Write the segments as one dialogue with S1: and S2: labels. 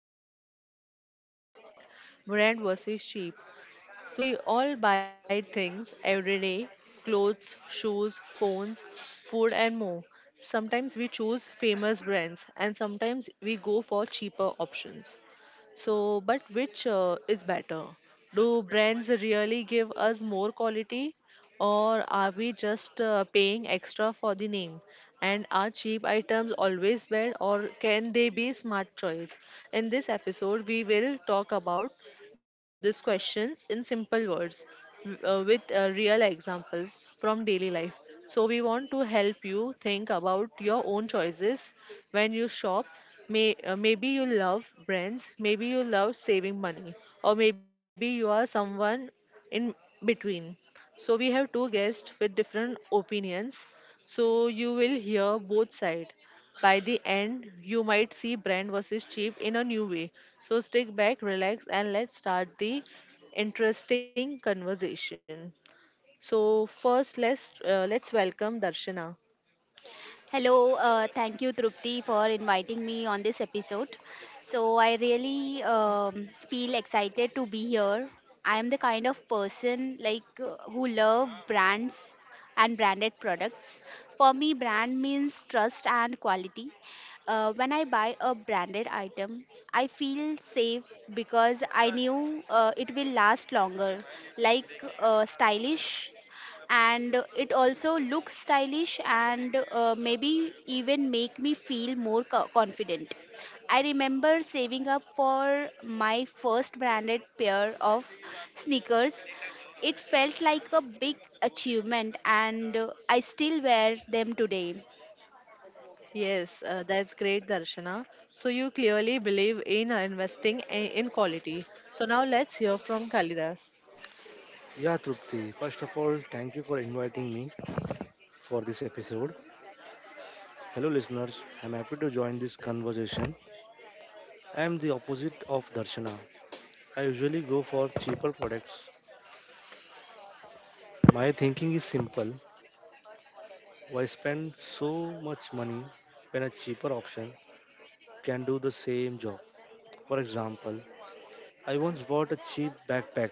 S1: very fun and useful topic brand versus cheap. So, we all buy things every day clothes, shoes, phones, food, and more. Sometimes we choose famous brands, and sometimes we go for cheaper options. So, but which is better? Do brands really give us more quality, or are we just paying extra for the name? And are cheap items always bad, or can they be smart choice? In this episode, we will talk about these questions in simple words with real examples from daily life. So, we want to help you think about your own choices when you shop maybe you love brands, maybe you love saving money, or maybe you are someone in between. So we have two guests with different opinions. So you will hear both sides. By the end, you might see brand versus cheap in a new way. So stick back, relax, and let's start the interesting conversation. So first, let's welcome Darshana.
S2: Hello, thank you, Trupti, for inviting me on this episode. So I really feel excited to be here. I am the kind of person who love brands and branded products. For me, brand means trust and quality. When I buy a branded item, I feel safe because I knew it will last longer. Like stylish and it also looks stylish and maybe even make me feel more confident. I remember saving up for my first branded pair of sneakers. It felt like a big achievement, and I still wear them today.
S1: Yes, that's great, Darshana. So you clearly believe in investing in quality. So now let's hear from Kalidas.
S3: Yeah, Trupti, first of all, thank you for inviting me for this episode. Hello, listeners. I'm happy to join this conversation. I'm the opposite of Darshana. I usually go for cheaper products. My thinking is simple: why spend so much money when a cheaper option can do the same job? For example, I once bought a cheap backpack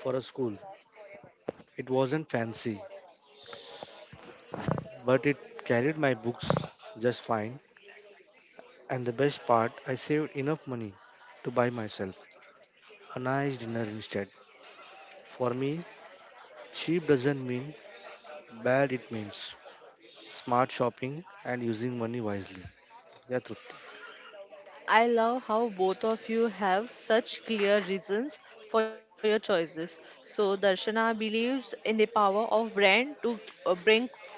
S3: for a school. It wasn't fancy, but it carried my books just fine. And the best part, I saved enough money to buy myself a nice dinner instead. For me, cheap doesn't mean bad, it means smart shopping and using money wisely. Yeah, Trupti.
S1: I love how both of you have such clear reasons for your choices. So Darshana believes in the power of brand to bring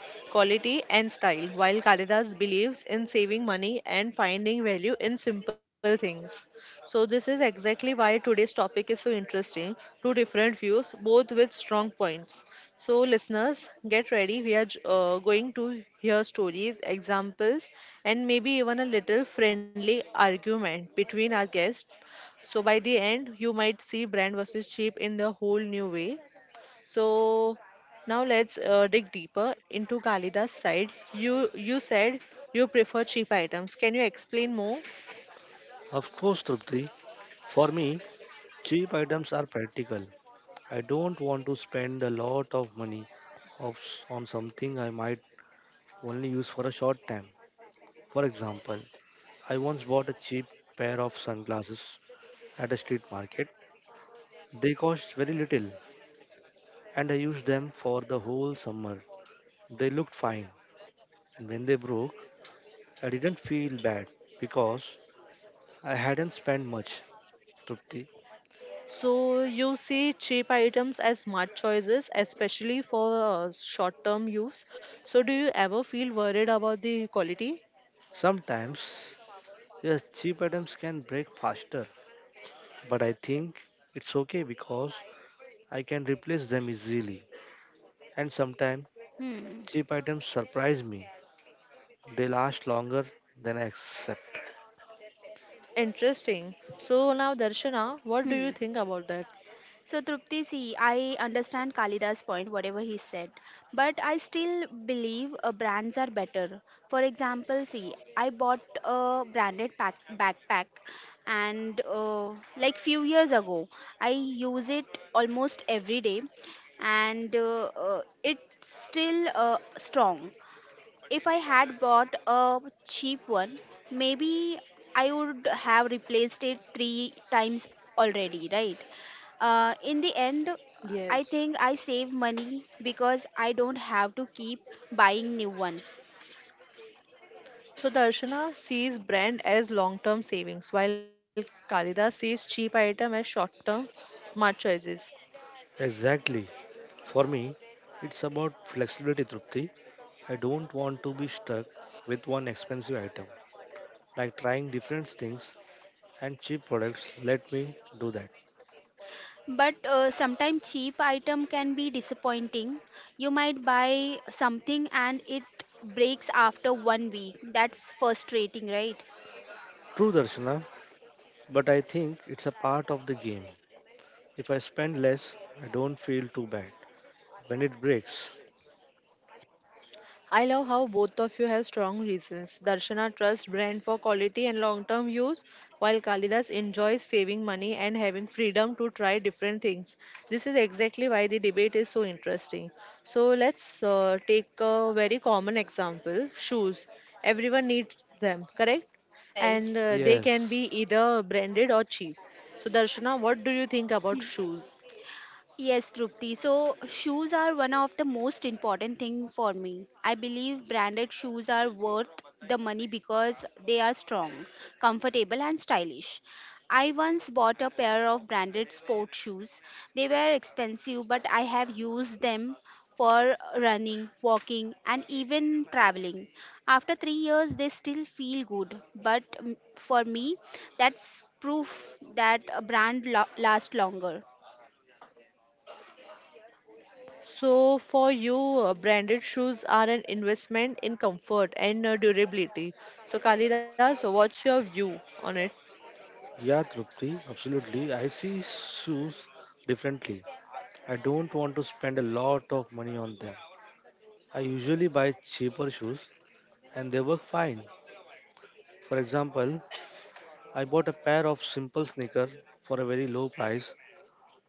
S1: quality and style, while Kalidas believes in saving money and finding value in simple things. So, this is exactly why today's topic is so interesting. Two different views, both with strong points. So, listeners, get ready. We are going to hear stories, examples, and maybe even a little friendly argument between our guests. So, by the end, you might see brand versus cheap in the whole new way. So, now let's dig deeper into Kalida's side. You said you prefer cheap items. Can you explain more?
S3: Of course, Trupti, for me, cheap items are practical. I don't want to spend a lot of money of, on something I might only use for a short time. For example, I once bought a cheap pair of sunglasses at a street market. They cost very little and I used them for the whole summer. They looked fine, and when they broke, I didn't feel bad because I hadn't spent much. Trupti.
S1: So you see cheap items as smart choices, especially for short-term use. So do you ever feel worried about the quality?
S3: Sometimes, yes, cheap items can break faster, but I think it's okay because I can replace them easily. And sometimes,
S2: hmm.
S3: cheap items surprise me, they last longer than I expect.
S1: Interesting. So now, Darshana, what do you
S2: Hmm.
S1: think about that?
S2: So, Trupti, see, I understand Kalida's point, whatever he said, but I still believe brands are better. For example, see, I bought a backpack, and like few years ago. I use it almost every day, and it's still strong if I had bought a cheap one, maybe I would have replaced it three times already, right? In the end,
S1: Yes.
S2: I think I save money because I don't have to keep buying new one.
S1: So Darshana sees brand as long-term savings, while Kalida sees cheap item as short-term smart choices.
S3: Exactly. For me, it's about flexibility, Trupti. I don't want to be stuck with one expensive item. Like trying different things, and cheap products let me do that.
S2: But sometimes cheap item can be disappointing. You might buy something and it breaks after one week. That's frustrating, right?
S3: True, Darshana, but I think it's a part of the game. If I spend less, I don't feel too bad when it breaks.
S1: I love how both of you have strong reasons. Darshana trusts brand for quality and long-term use, while Kalidas enjoys saving money and having freedom to try different things. This is exactly why the debate is so interesting. So let's take a very common example, shoes. Everyone needs them, correct?
S2: Right.
S1: And they can
S3: Yes.
S1: be either branded or cheap. So Darshana, what do you think about shoes?
S2: Yes, Trupti. So shoes are one of the most important thing for me. I believe branded shoes are worth the money because they are strong, comfortable and stylish. I once bought a pair of branded sport shoes. They were expensive but I have used them for running, walking and even traveling. After 3 years they still feel good, but for me that's proof that a brand lasts longer.
S1: So, for you, branded shoes are an investment in comfort and durability. So, Kalidas, what's your view on it?
S3: Yeah, Trupti, absolutely. I see shoes differently. I don't want to spend a lot of money on them. I usually buy cheaper shoes and they work fine. For example, I bought a pair of simple sneakers for a very low price.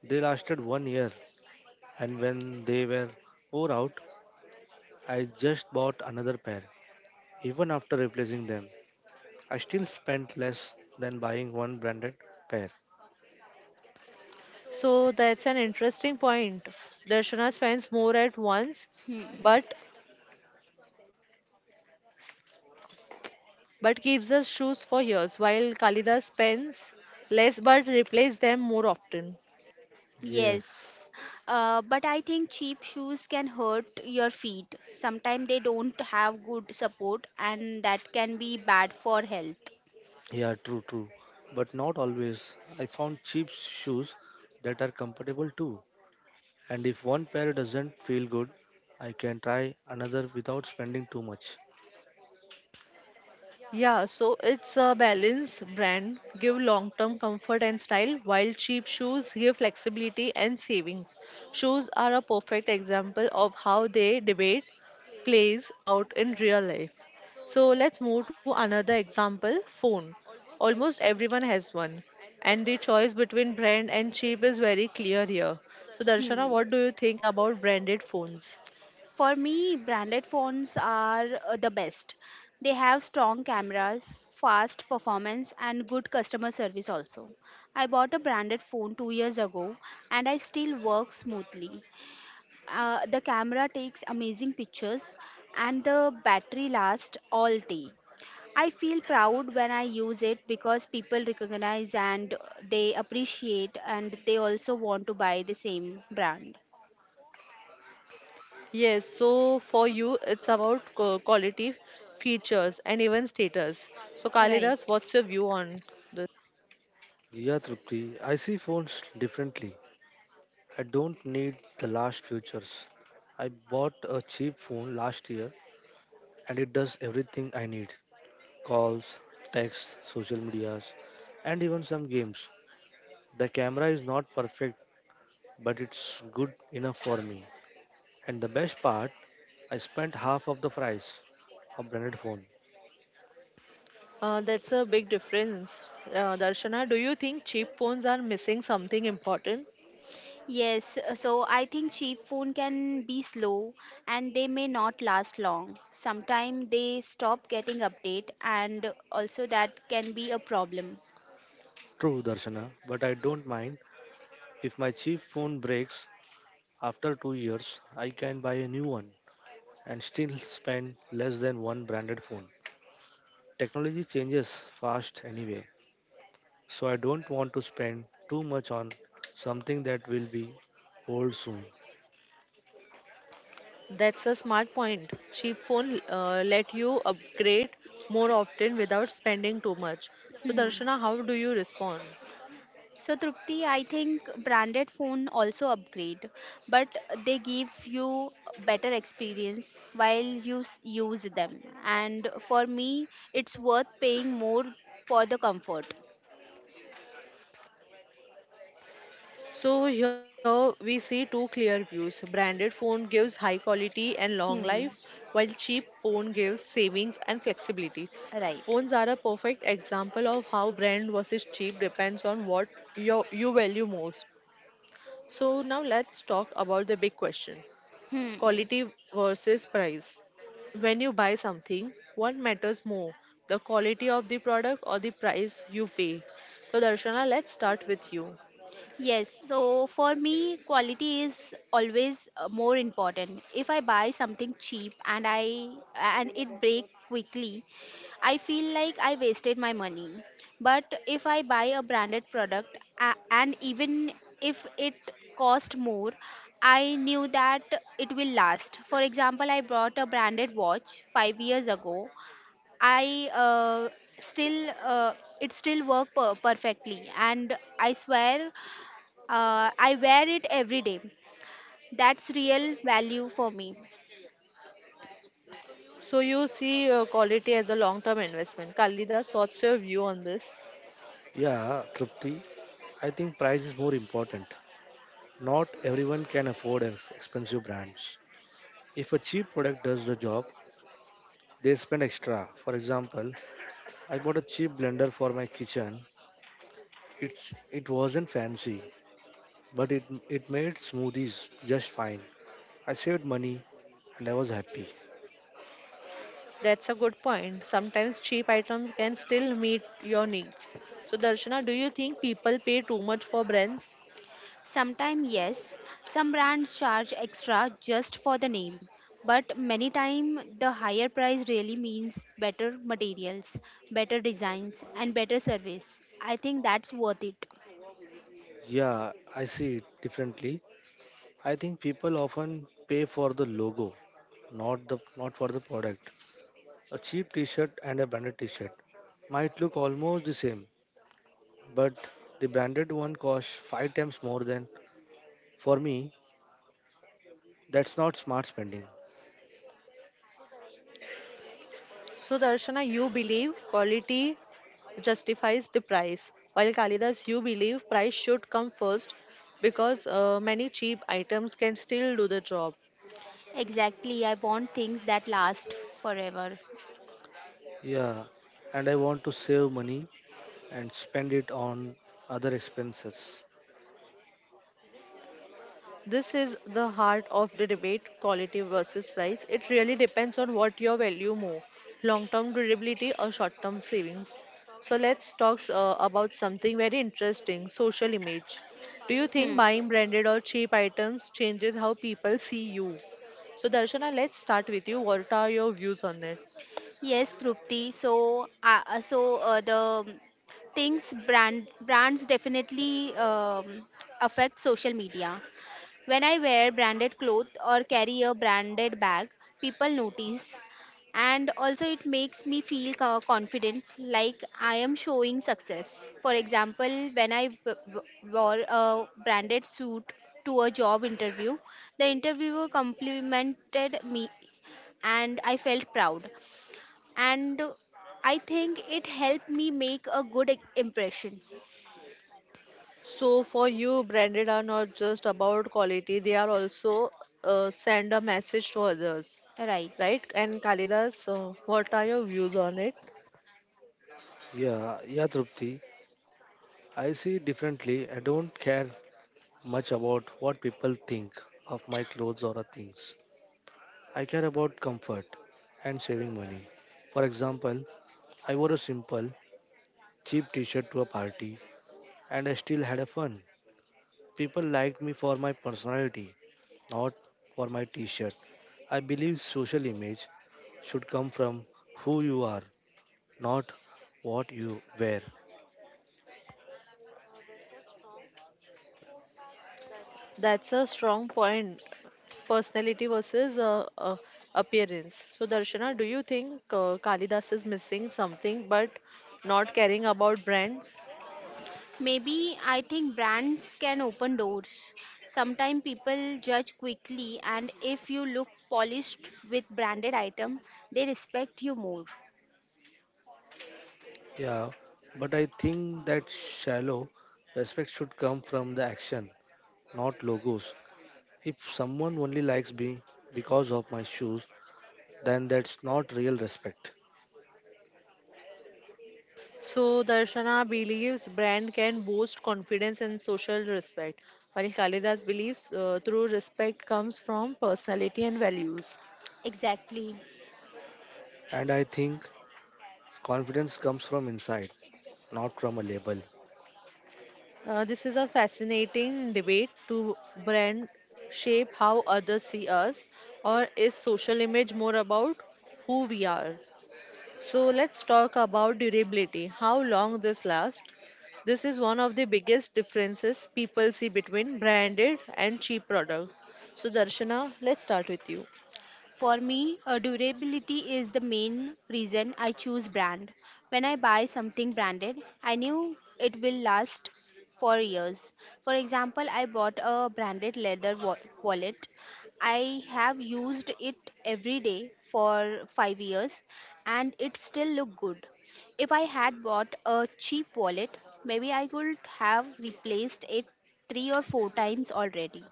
S3: They lasted 1 year, and when they were wore out, I just bought another pair. Even after replacing them, I still spent less than buying one branded pair.
S1: So, that's an interesting point. Darshana spends more at once, but but keeps us shoes for years, while Kalidas spends less but replaces them more often.
S3: Yes.
S2: Yes, but I think cheap shoes can hurt your feet. Sometimes they don't have good support, and that can be bad for health.
S3: Yeah, true. But not always. I found cheap shoes that are comfortable too. And if one pair doesn't feel good, I can try another without spending too much.
S1: Yeah, so it's a balance brand, give long-term comfort and style, while cheap shoes give flexibility and savings. Shoes are a perfect example of how they debate plays out in real life. So let's move to another example, phone. Almost everyone has one, and the choice between brand and cheap is very clear here. So Darshana,
S2: Hmm.
S1: what do you think about branded phones?
S2: For me, branded phones are the best. They have strong cameras, fast performance, and good customer service also. I bought a branded phone 2 years ago and I still work smoothly. The camera takes amazing pictures and the battery lasts all day. I feel proud when I use it because people recognize and they appreciate and they also want to buy the same brand.
S1: Yes, so for you, it's about quality, features, and even status. So, Kalidas,
S2: Right.
S1: what's your view on this?
S3: Yeah, Trupti, I see phones differently. I don't need the last features. I bought a cheap phone last year and it does everything I need: calls, texts, social medias, and even some games. The camera is not perfect, but it's good enough for me. And the best part, I spent half of the price of branded phone.
S1: That's a big difference. Darshana, do you think cheap phones are missing something important?
S2: Yes, so I think cheap phone can be slow and they may not last long. Sometimes they stop getting update and also that can be a problem.
S3: True, Darshana, but I don't mind. If my cheap phone breaks after 2 years, I can buy a new one, and still spend less than one branded phone. Technology changes fast anyway, so I don't want to spend too much on something that will be old soon.
S1: That's a smart point. Cheap phone let you upgrade more often without spending too much. So, Darshana, how do you respond?
S2: So Trupti, I think branded phone also upgrade, but they give you better experience while you use them. And for me, it's worth paying more for the comfort.
S1: So here we see two clear views. Branded phone gives high quality and long
S2: Hmm.
S1: life, while cheap phone gives savings and flexibility.
S2: Right.
S1: Phones are a perfect example of how brand versus cheap depends on what you value most. So now let's talk about the big question,
S2: Hmm.
S1: quality versus price. When you buy something, what matters more, the quality of the product or the price you pay? So Darshana, let's start with you.
S2: Yes, so for me, quality is always more important. If I buy something cheap and I and it break quickly, I feel like I wasted my money. But if I buy a branded product and even if it cost more, I knew that it will last. For example, I bought a branded watch 5 years ago. I still it still work perfectly and I swear I wear it every day. That's real value for me.
S1: So you see quality as a long-term investment. Kalidas, what's your view on this?
S3: Yeah, Trupti, I think price is more important. Not everyone can afford expensive brands. If a cheap product does the job, they spend extra. For example, I bought a cheap blender for my kitchen. It's it wasn't fancy, but it made smoothies just fine. I saved money and I was happy.
S1: That's a good point. Sometimes cheap items can still meet your needs. So Darshana, do you think people pay too much for brands?
S2: Sometimes, yes, some brands charge extra just for the name, but many times the higher price really means better materials, better designs, and better service. I think that's worth it.
S3: Yeah, I see it differently. I think people often pay for the logo, not for the product. A cheap t-shirt and a branded t-shirt might look almost the same, but the branded one costs five times more. Than for me, that's not smart spending.
S1: So Darshana, you believe quality justifies the price, while Kalidas, you believe price should come first because many cheap items can still do the job.
S2: Exactly, I want things that last forever.
S3: Yeah, and I want to save money and spend it on other expenses.
S1: This is the heart of the debate quality versus price. It really depends on what your value more long term durability or short term savings. So, let's talk about something very interesting social image. Do you think
S2: Hmm.
S1: buying branded or cheap items changes how people see you? So, Darshana, let's start with you. What are your views on that?
S2: Yes, Trupti. So, so the um, things brand brands definitely affect social media. When I wear branded clothes or carry a branded bag, people notice, and also it makes me feel confident, like I am showing success. For example, when I wore a branded suit to a job interview, the interviewer complimented me and I felt proud, and I think it helped me make a good impression.
S1: So for you, branded are not just about quality; they are also send a message to others,
S2: Right.
S1: right? And Kalidas, what are your views on it?
S3: Yeah, Trupti. I see it differently. I don't care much about what people think of my clothes or things. I care about comfort and saving money. For example, I wore a simple, cheap t shirt to a party and I still had a fun. People liked me for my personality, not for my t shirt. I believe social image should come from who you are, not what you wear.
S1: That's a strong point. Personality versus appearance. So Darshana, do you think Kalidas is missing something but not caring about brands?
S2: Maybe I think brands can open doors. Sometimes people judge quickly, and if you look polished with branded item, they respect you more.
S3: Yeah, but I think that shallow respect should come from the action, not logos. If someone only likes me because of my shoes, then that's not real respect.
S1: So, Darshana believes brand can boost confidence and social respect, while Kalidas believes true respect comes from personality and values.
S2: Exactly.
S3: And I think confidence comes from inside, not from a label.
S1: This is a fascinating debate to brand shape how others see us, or is social image more about who we are? So let's talk about durability, how long this lasts. This is one of the biggest differences people see between branded and cheap products. So Darshana, let's start with you.
S2: For me, durability is the main reason I choose brand. When I buy something branded, I knew it will last for years. For example, I bought a branded leather wallet. I have used it every day for 5 years and it still look good. If I had bought a cheap wallet, maybe I could have replaced it 3 or 4 times already.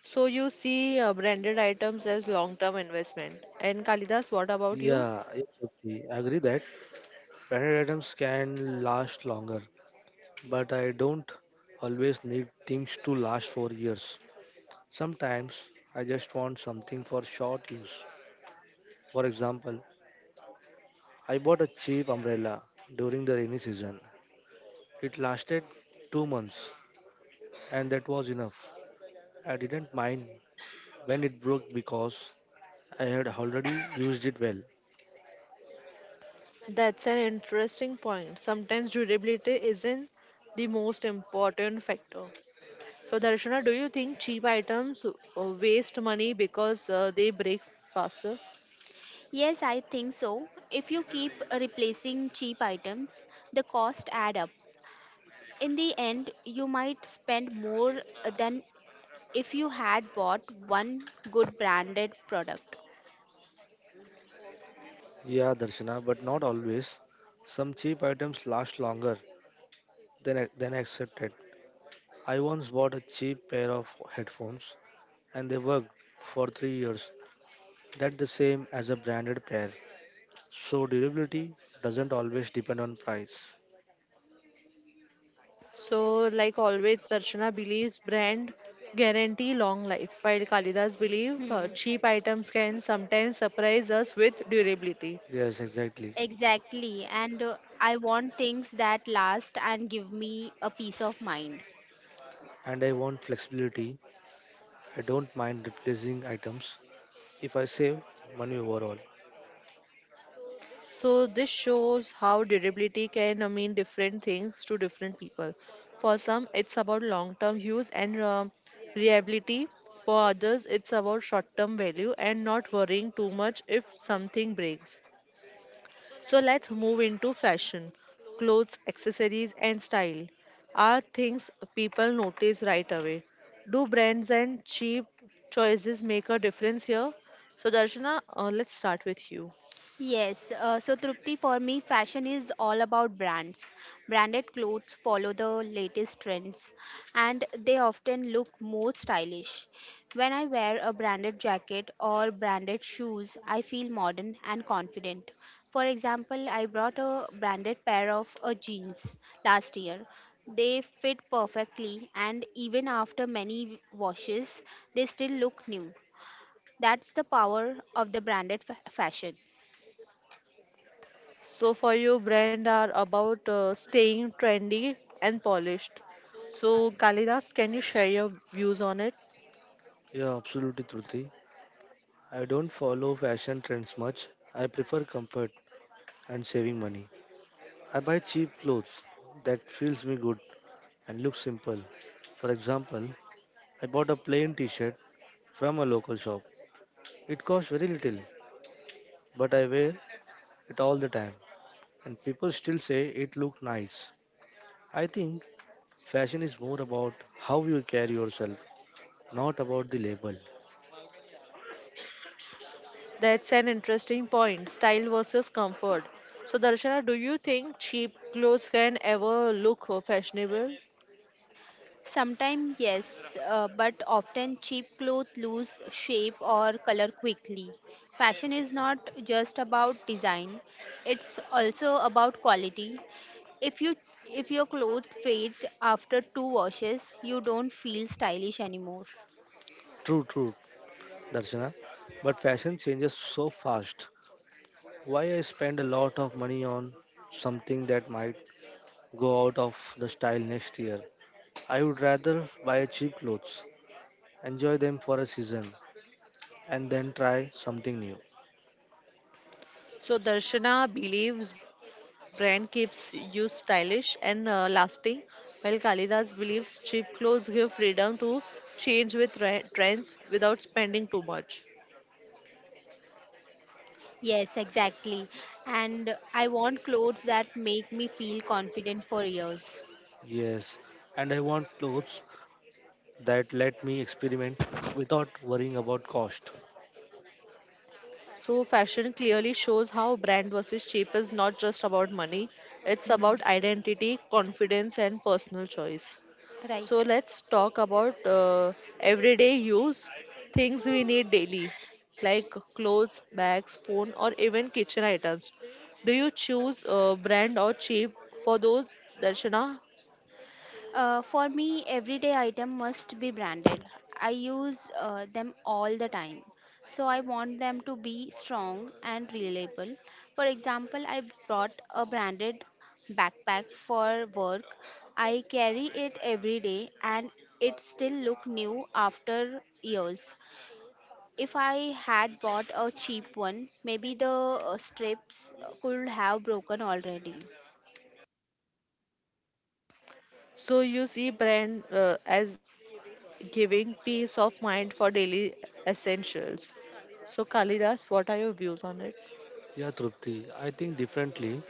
S1: So you see branded items as long-term investment. And Kalidas, what about you?
S3: Yeah, I agree that branded items can last longer, but I don't always need things to last for years. Sometimes I just want something for short use. For example, I bought a cheap umbrella during the rainy season. It lasted 2 months, and that was enough. I didn't mind when it broke because I had already used it well.
S1: That's an interesting point. Sometimes durability isn't the most important factor. So Darshana, do you think cheap items waste money because they break faster?
S2: Yes, I think so. If you keep replacing cheap items, the cost add up. In the end, you might spend more than if you had bought one good branded product.
S3: Yeah, Darshana, but not always. Some cheap items last longer than I accepted. I once bought a cheap pair of headphones and they worked for 3 years. That's the same as a branded pair. So durability doesn't always depend on price.
S1: So, like always, Darshana believes brand guarantee long life, while Kalidas believes cheap items can sometimes surprise us with durability.
S3: Yes, exactly.
S2: Exactly, and I want things that last and give me a peace of mind.
S3: And I want flexibility. I don't mind replacing items if I save money overall.
S1: So, this shows how durability can mean different things to different people. For some, it's about long term use and reliability. For others, it's about short term value and not worrying too much if something breaks. So let's move into fashion. Clothes, accessories, and style are things people notice right away. Do brands and cheap choices make a difference here? So, Darshana, let's start with you.
S2: Yes, so Trupti, for me, fashion is all about brands. Branded clothes follow the latest trends and they often look more stylish. When I wear a branded jacket or branded shoes, I feel modern and confident. For example, I brought a branded pair of jeans last year. They fit perfectly, and even after many washes, they still look new. That's the power of the branded fashion.
S1: So, for you, brand are about staying trendy and polished. So, Kalidas, can you share your views on it?
S3: Yeah, absolutely, Truti. I don't follow fashion trends much. I prefer comfort and saving money. I buy cheap clothes that feels me good and looks simple. For example, I bought a plain t-shirt from a local shop. It cost very little, but I wear it all the time and people still say it look nice. I think fashion is more about how you carry yourself, not about the label.
S1: That's an interesting point. Style versus comfort. So, Darshana, do you think cheap clothes can ever look fashionable?
S2: Sometimes, yes, but often cheap clothes lose shape or color quickly. Fashion is not just about design, it's also about quality. If you if your clothes fade after two washes, you don't feel stylish anymore.
S3: True, Darshana. But fashion changes so fast. Why I spend a lot of money on something that might go out of the style next year? I would rather buy cheap clothes, enjoy them for a season, and then try something new.
S1: So Darshana believes brand keeps you stylish and lasting, while Kalidas believes cheap clothes give freedom to change with trends without spending too much.
S2: Yes, exactly. And I want clothes that make me feel confident for years.
S3: Yes, and I want clothes that let me experiment without worrying about cost.
S1: So fashion clearly shows how brand versus cheap is not just about money, it's about identity, confidence and personal choice. So
S2: Right.
S1: let's talk about everyday use things we need daily, like clothes, bags, phone, or even kitchen items. Do you choose brand or cheap for those, Darshana?
S2: For me, everyday item must be branded. I use them all the time. So I want them to be strong and reliable. For example, I brought a branded backpack for work. I carry it every day and it still look new after years. If I had bought a cheap one, maybe the strips could have broken already.
S1: So you see brand as giving peace of mind for daily essentials. So Kalidas, what are your views on it?
S3: Yeah, Trupti, I think differently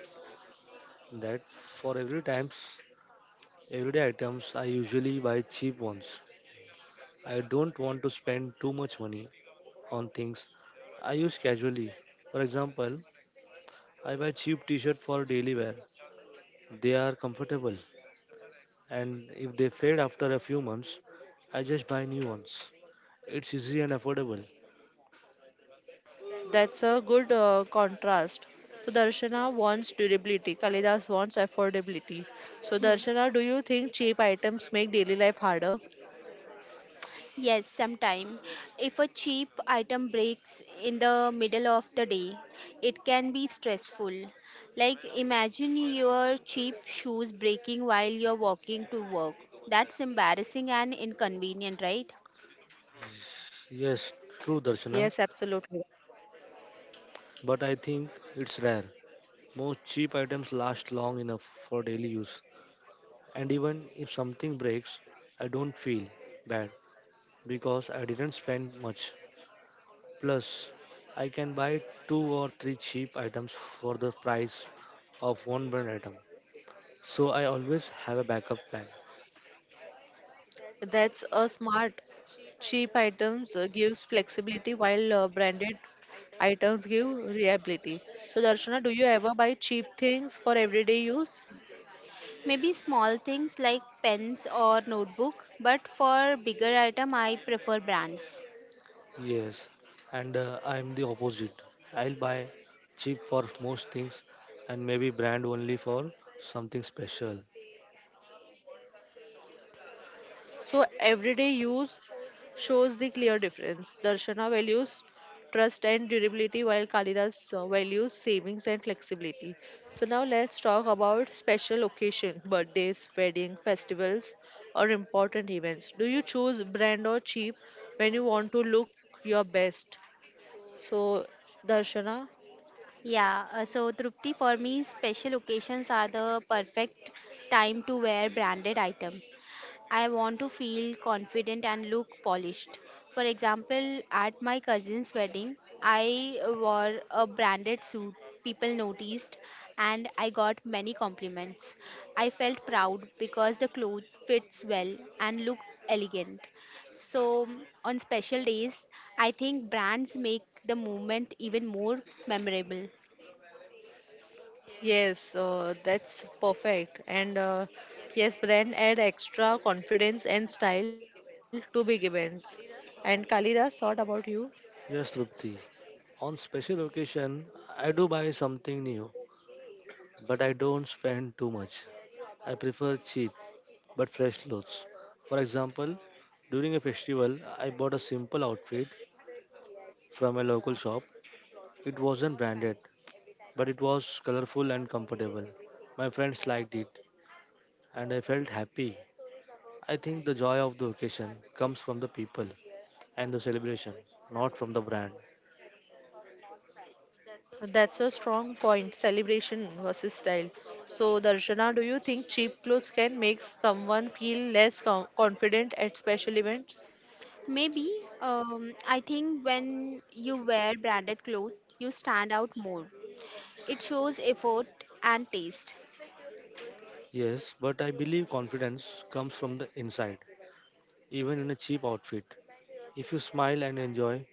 S3: that for every times everyday items I usually buy cheap ones. I don't want to spend too much money on things I use casually. For example, I buy cheap t-shirt for daily wear. They are comfortable and if they fade after a few months, I just buy new ones. It's easy and affordable.
S1: That's a good contrast. So Darshana wants durability, Kalidas wants affordability. So Darshana, do you think cheap items make daily life harder?
S2: Yes, sometime. If a cheap item breaks in the middle of the day, it can be stressful. Like imagine your cheap shoes breaking while you're walking to work. That's embarrassing and inconvenient, right?
S3: Yes, true
S1: Yes,
S3: Darshana,
S1: absolutely.
S3: but I think it's rare. Most cheap items last long enough for daily use. And even if something breaks, I don't feel bad because I didn't spend much. Plus, I can buy two or three cheap items for the price of one brand item. So I always have a backup plan.
S1: That's a smart. Cheap items gives flexibility while branded items give reliability. So Darshana, do you ever buy cheap things for everyday use?
S2: Maybe small things like pens or notebook, but for bigger item I prefer brands.
S3: Yes, and I'm the opposite. I'll buy cheap for most things and maybe brand only for something special.
S1: So everyday use shows the clear difference. Darshana values trust and durability while Kalidas values savings and flexibility. So now let's talk about special occasion, birthdays, wedding, festivals or important events. Do you choose brand or cheap when you want to look your best? So Darshana
S2: Yeah, so Trupti, for me, special occasions are the perfect time to wear branded items. I want to feel confident and look polished. For example, at my cousin's wedding, I wore a branded suit. People noticed and I got many compliments. I felt proud because the clothes fits well and looked elegant. So, on special days, I think brands make the moment even more memorable.
S1: Yes, that's perfect. And yes, brand add extra confidence and style to big events. And Kalida, thought about you?
S3: Yes, Trupti. On special occasion, I do buy something new, but I don't spend too much. I prefer cheap but fresh clothes. For example, during a festival, I bought a simple outfit from a local shop. It wasn't branded, but it was colorful and comfortable. My friends liked it, and I felt happy. I think the joy of the occasion comes from the people and the celebration, not from the brand.
S1: That's a strong point. Celebration versus style. So, Darshana, do you think cheap clothes can make someone feel less confident at special events?
S2: Maybe I think when you wear branded clothes, you stand out more. It shows effort and taste.
S3: Yes, but I believe confidence comes from the inside, even in a cheap outfit. If you smile and enjoy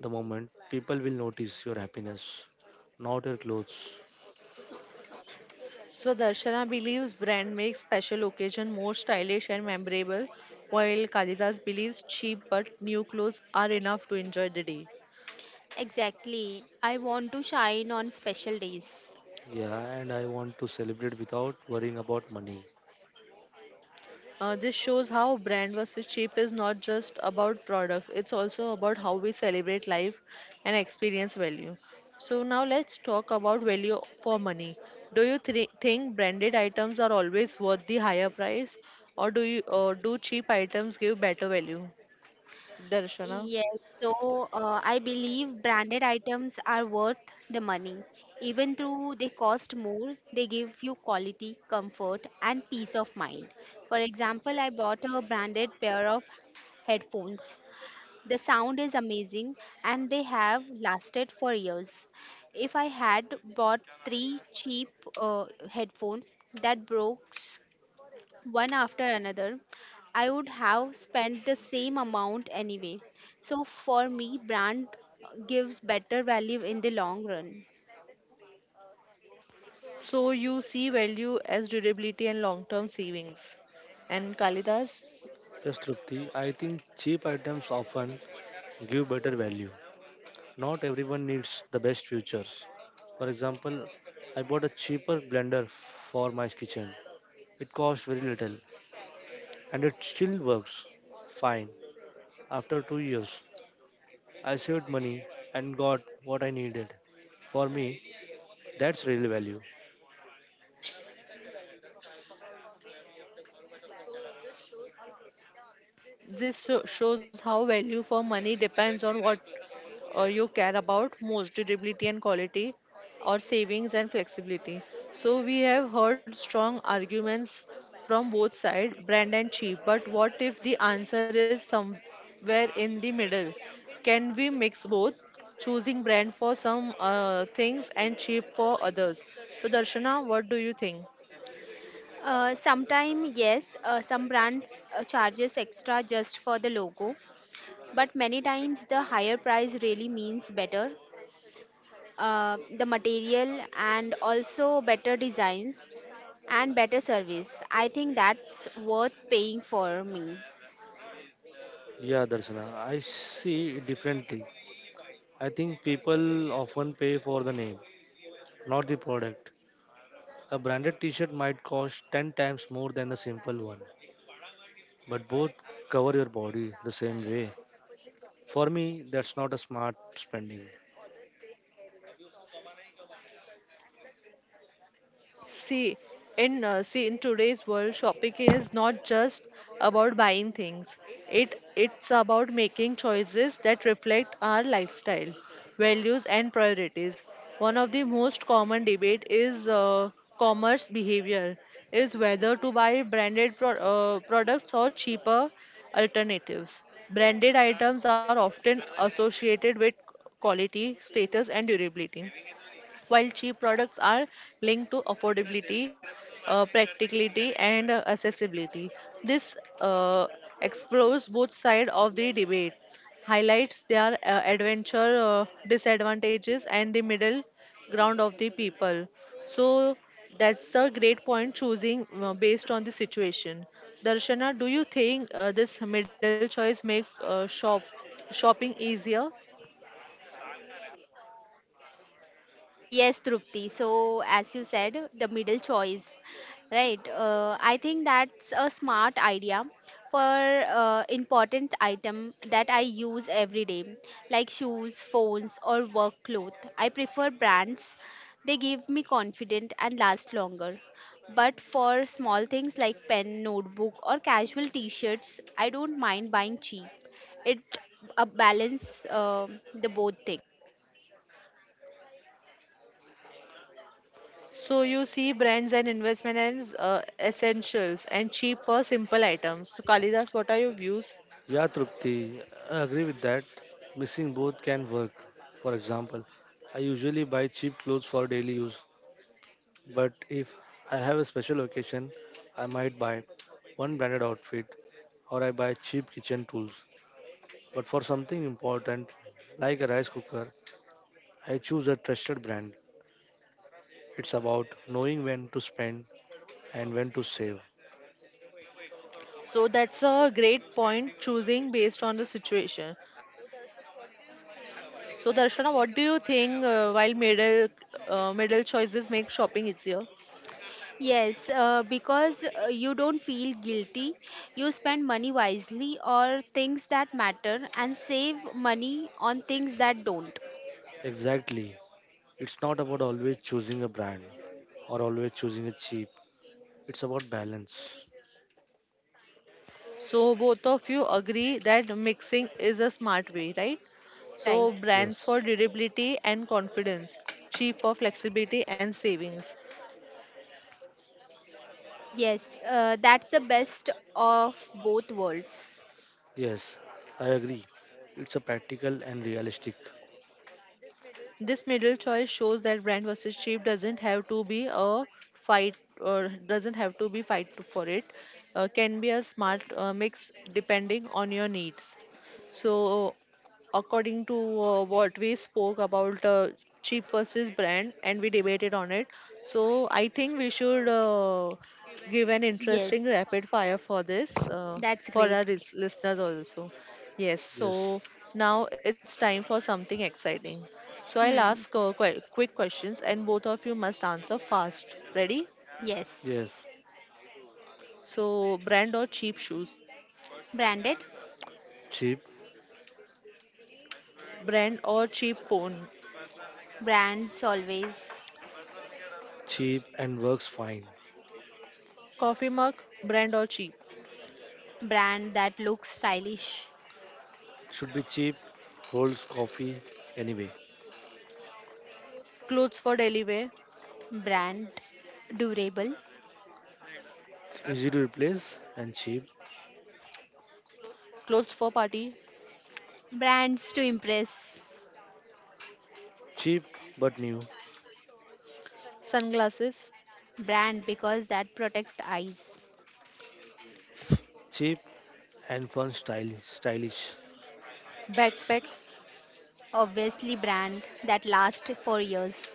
S3: the moment, people will notice your happiness, not your clothes.
S1: So, Darshana believes brand makes special occasion more stylish and memorable, while Kalidas believes cheap but new clothes are enough to enjoy the day.
S2: Exactly. I want to shine on special days.
S3: Yeah, and I want to celebrate without worrying about money.
S1: This shows how brand versus cheap is not just about product, it's also about how we celebrate life and experience value. So, now let's talk about value for money. Do you think branded items are always worth the higher price, or do you do cheap items give better value? Darshana.
S2: Yes, so I believe branded items are worth the money. Even though they cost more, they give you quality, comfort, and peace of mind. For example, I bought a branded pair of headphones. The sound is amazing and they have lasted for years. If I had bought three cheap headphones that broke one after another, I would have spent the same amount anyway. So for me, brand gives better value in the long run.
S1: So, you see value as durability and long term savings. And Kalidas?
S3: Yes, Trupti, I think cheap items often give better value. Not everyone needs the best features. For example, I bought a cheaper blender for my kitchen. It cost very little and it still works fine. After 2 years, I saved money and got what I needed. For me, that's real value.
S1: This shows how value for money depends on what you care about most durability and quality, or savings and flexibility. So, we have heard strong arguments from both sides, brand and cheap. But what if the answer is somewhere in the middle? Can we mix both? Choosing brand for some things and cheap for others. So, Darshana, what do you think?
S2: Sometime yes, some brands charges extra just for the logo, but many times the higher price really means better the material and also better designs and better service. I think that's worth paying for me.
S3: Yeah, Darshana, I see it differently. I think people often pay for the name, not the product. A branded t-shirt might cost 10 times more than a simple one, but both cover your body the same way. For me, that's not a smart spending.
S1: See, in see in today's world, shopping is not just about buying things. It's about making choices that reflect our lifestyle, values, and priorities. One of the most common debate is commerce behavior is whether to buy branded products or cheaper alternatives. Branded items are often associated with quality, status, and durability while cheap products are linked to affordability, practicality, and accessibility. This uh, explores both sides of the debate, highlights their adventure disadvantages and the middle ground of the people. So that's a great point choosing based on the situation. Darshana, do you think this middle choice make shopping easier?
S2: Yes, Trupti. So, as you said, the middle choice, right? I think that's a smart idea for important item that I use every day, like shoes, phones, or work clothes. I prefer brands; they give me confidence and last longer. But for small things like pen, notebook, or casual T-shirts, I don't mind buying cheap. It balance the both things.
S1: So you see brands and investment as essentials and cheap for simple items. So Kalidas, what are your views?
S3: Yeah, Trupti, I agree with that. Mixing both can work. For example, I usually buy cheap clothes for daily use, but if I have a special occasion, I might buy one branded outfit, or I buy cheap kitchen tools. But for something important, like a rice cooker, I choose a trusted brand. It's about knowing when to spend and when to save.
S1: So that's a great point choosing based on the situation. So Darshana, what do you think while middle choices make shopping easier?
S2: Yes, because you don't feel guilty. You spend money wisely or things that matter and save money on things that don't.
S3: Exactly. It's not about always choosing a brand or always choosing a cheap. It's about balance.
S1: So both of you agree that mixing is a smart way, right? So
S2: Right.
S1: brands
S3: Yes.
S1: for durability and confidence, cheap for flexibility and savings.
S2: Yes, that's the best of both worlds.
S3: Yes. I agree. It's a practical and realistic.
S1: This middle choice shows that brand versus cheap doesn't have to be a fight or doesn't have to be for it. Can be a smart mix depending on your needs. So, according to what we spoke about cheap versus brand, and we debated on it. So, I think we should give an
S2: Yes,
S1: interesting rapid fire for this
S2: that's
S1: for
S2: great.
S1: our listeners also. Yes.
S3: Yes.
S1: So now it's time for something exciting. So I'll ask
S2: Hmm.
S1: quite quick questions and both of you must answer fast. Ready?
S2: Yes.
S3: Yes.
S1: So brand or cheap shoes?
S2: Branded?
S3: Cheap.
S1: Brand or cheap phone?
S2: Brands always.
S3: Cheap and works fine.
S1: Coffee mug? Brand or cheap?
S2: Brand that looks stylish.
S3: Should be cheap. Holds coffee anyway.
S1: Clothes for daily wear?
S2: Brand durable.
S3: Easy to replace and cheap.
S1: Clothes for party?
S2: Brands to impress.
S3: Cheap but new.
S1: Sunglasses?
S2: Brand because that protect eyes.
S3: Cheap and fun style stylish.
S1: Backpacks?
S2: Obviously, brand that lasts for years.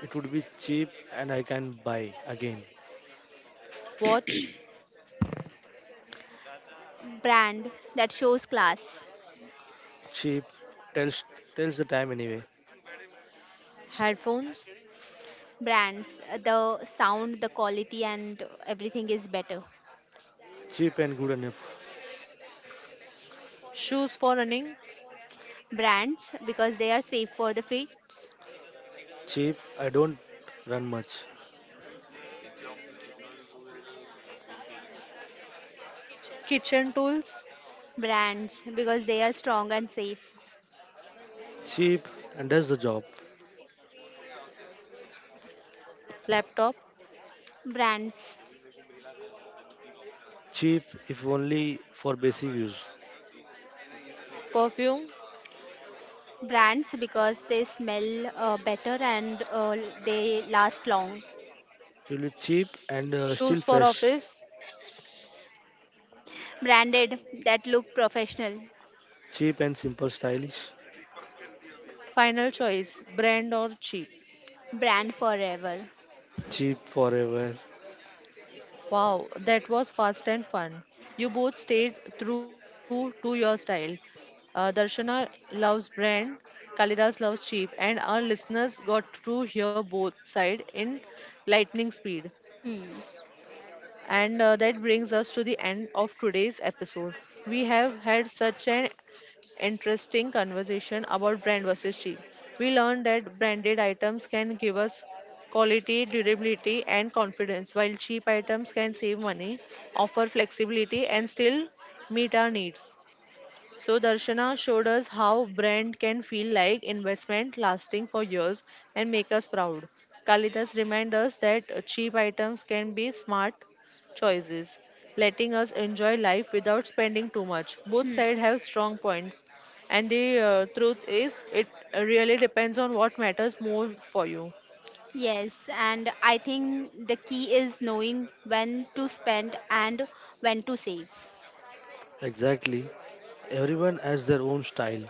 S3: It would be cheap and I can buy again.
S1: Watch?
S2: Brand that shows class.
S3: Cheap, tells tells the time anyway.
S1: Headphones?
S2: Brands, the sound, the quality, and everything is better.
S3: Cheap and good enough.
S1: Shoes for running?
S2: Brands, because they are safe for the feet.
S3: Cheap, I don't run much.
S1: Kitchen tools?
S2: Brands, because they are strong and safe.
S3: Cheap and does the job.
S1: Laptop?
S2: Brands,
S3: Cheap if only for basic use.
S1: Perfume?
S2: brands, because they smell better and they last long.
S3: Really cheap and
S1: Shoes
S3: still
S1: for
S3: fresh.
S1: office?
S2: Branded, that look professional.
S3: Cheap and simple stylish.
S1: Final choice, brand or cheap?
S2: Brand forever.
S3: Cheap forever.
S1: Wow, that was fast and fun. You both stayed true to your style. Darshana loves brand, Kalidas loves cheap, and our listeners got to hear both sides in lightning speed.
S2: Hmm.
S1: And that brings us to the end of today's episode. We have had such an interesting conversation about brand versus cheap. We learned that branded items can give us quality, durability, and confidence, while cheap items can save money, offer flexibility, and still meet our needs. So Darshana showed us how brand can feel like investment lasting for years and make us proud. Kalidas reminds us that cheap items can be smart choices, letting us enjoy life without spending too much. Both sides have strong points, and the truth is, it really depends on what matters more for you.
S2: Yes, and I think the key is knowing when to spend and when to save.
S3: Exactly. Everyone has their own style,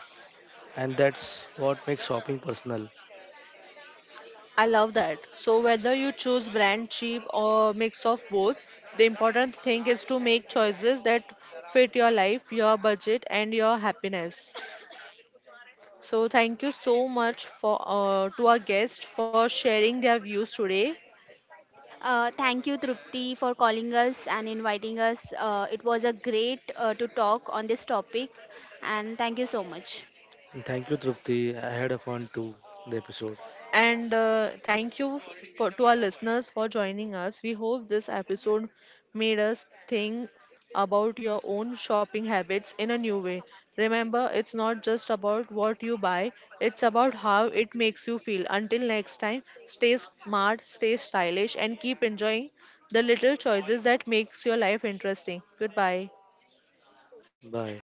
S3: and that's what makes shopping personal.
S1: I love that. So whether you choose brand cheap or mix of both, the important thing is to make choices that fit your life, your budget and your happiness. So thank you so much for to our guests for sharing their views today.
S2: Thank you, Trupti, for calling us and inviting us. It was a great to talk on this topic, and thank you so much.
S3: And thank you, Trupti. I had a fun too in the episode.
S1: And thank you for, to our listeners for joining us. We hope this episode made us think about your own shopping habits in a new way. Remember, it's not just about what you buy, it's about how it makes you feel. Until next time, stay smart, stay stylish, and keep enjoying the little choices that makes your life interesting. Goodbye.
S3: Bye.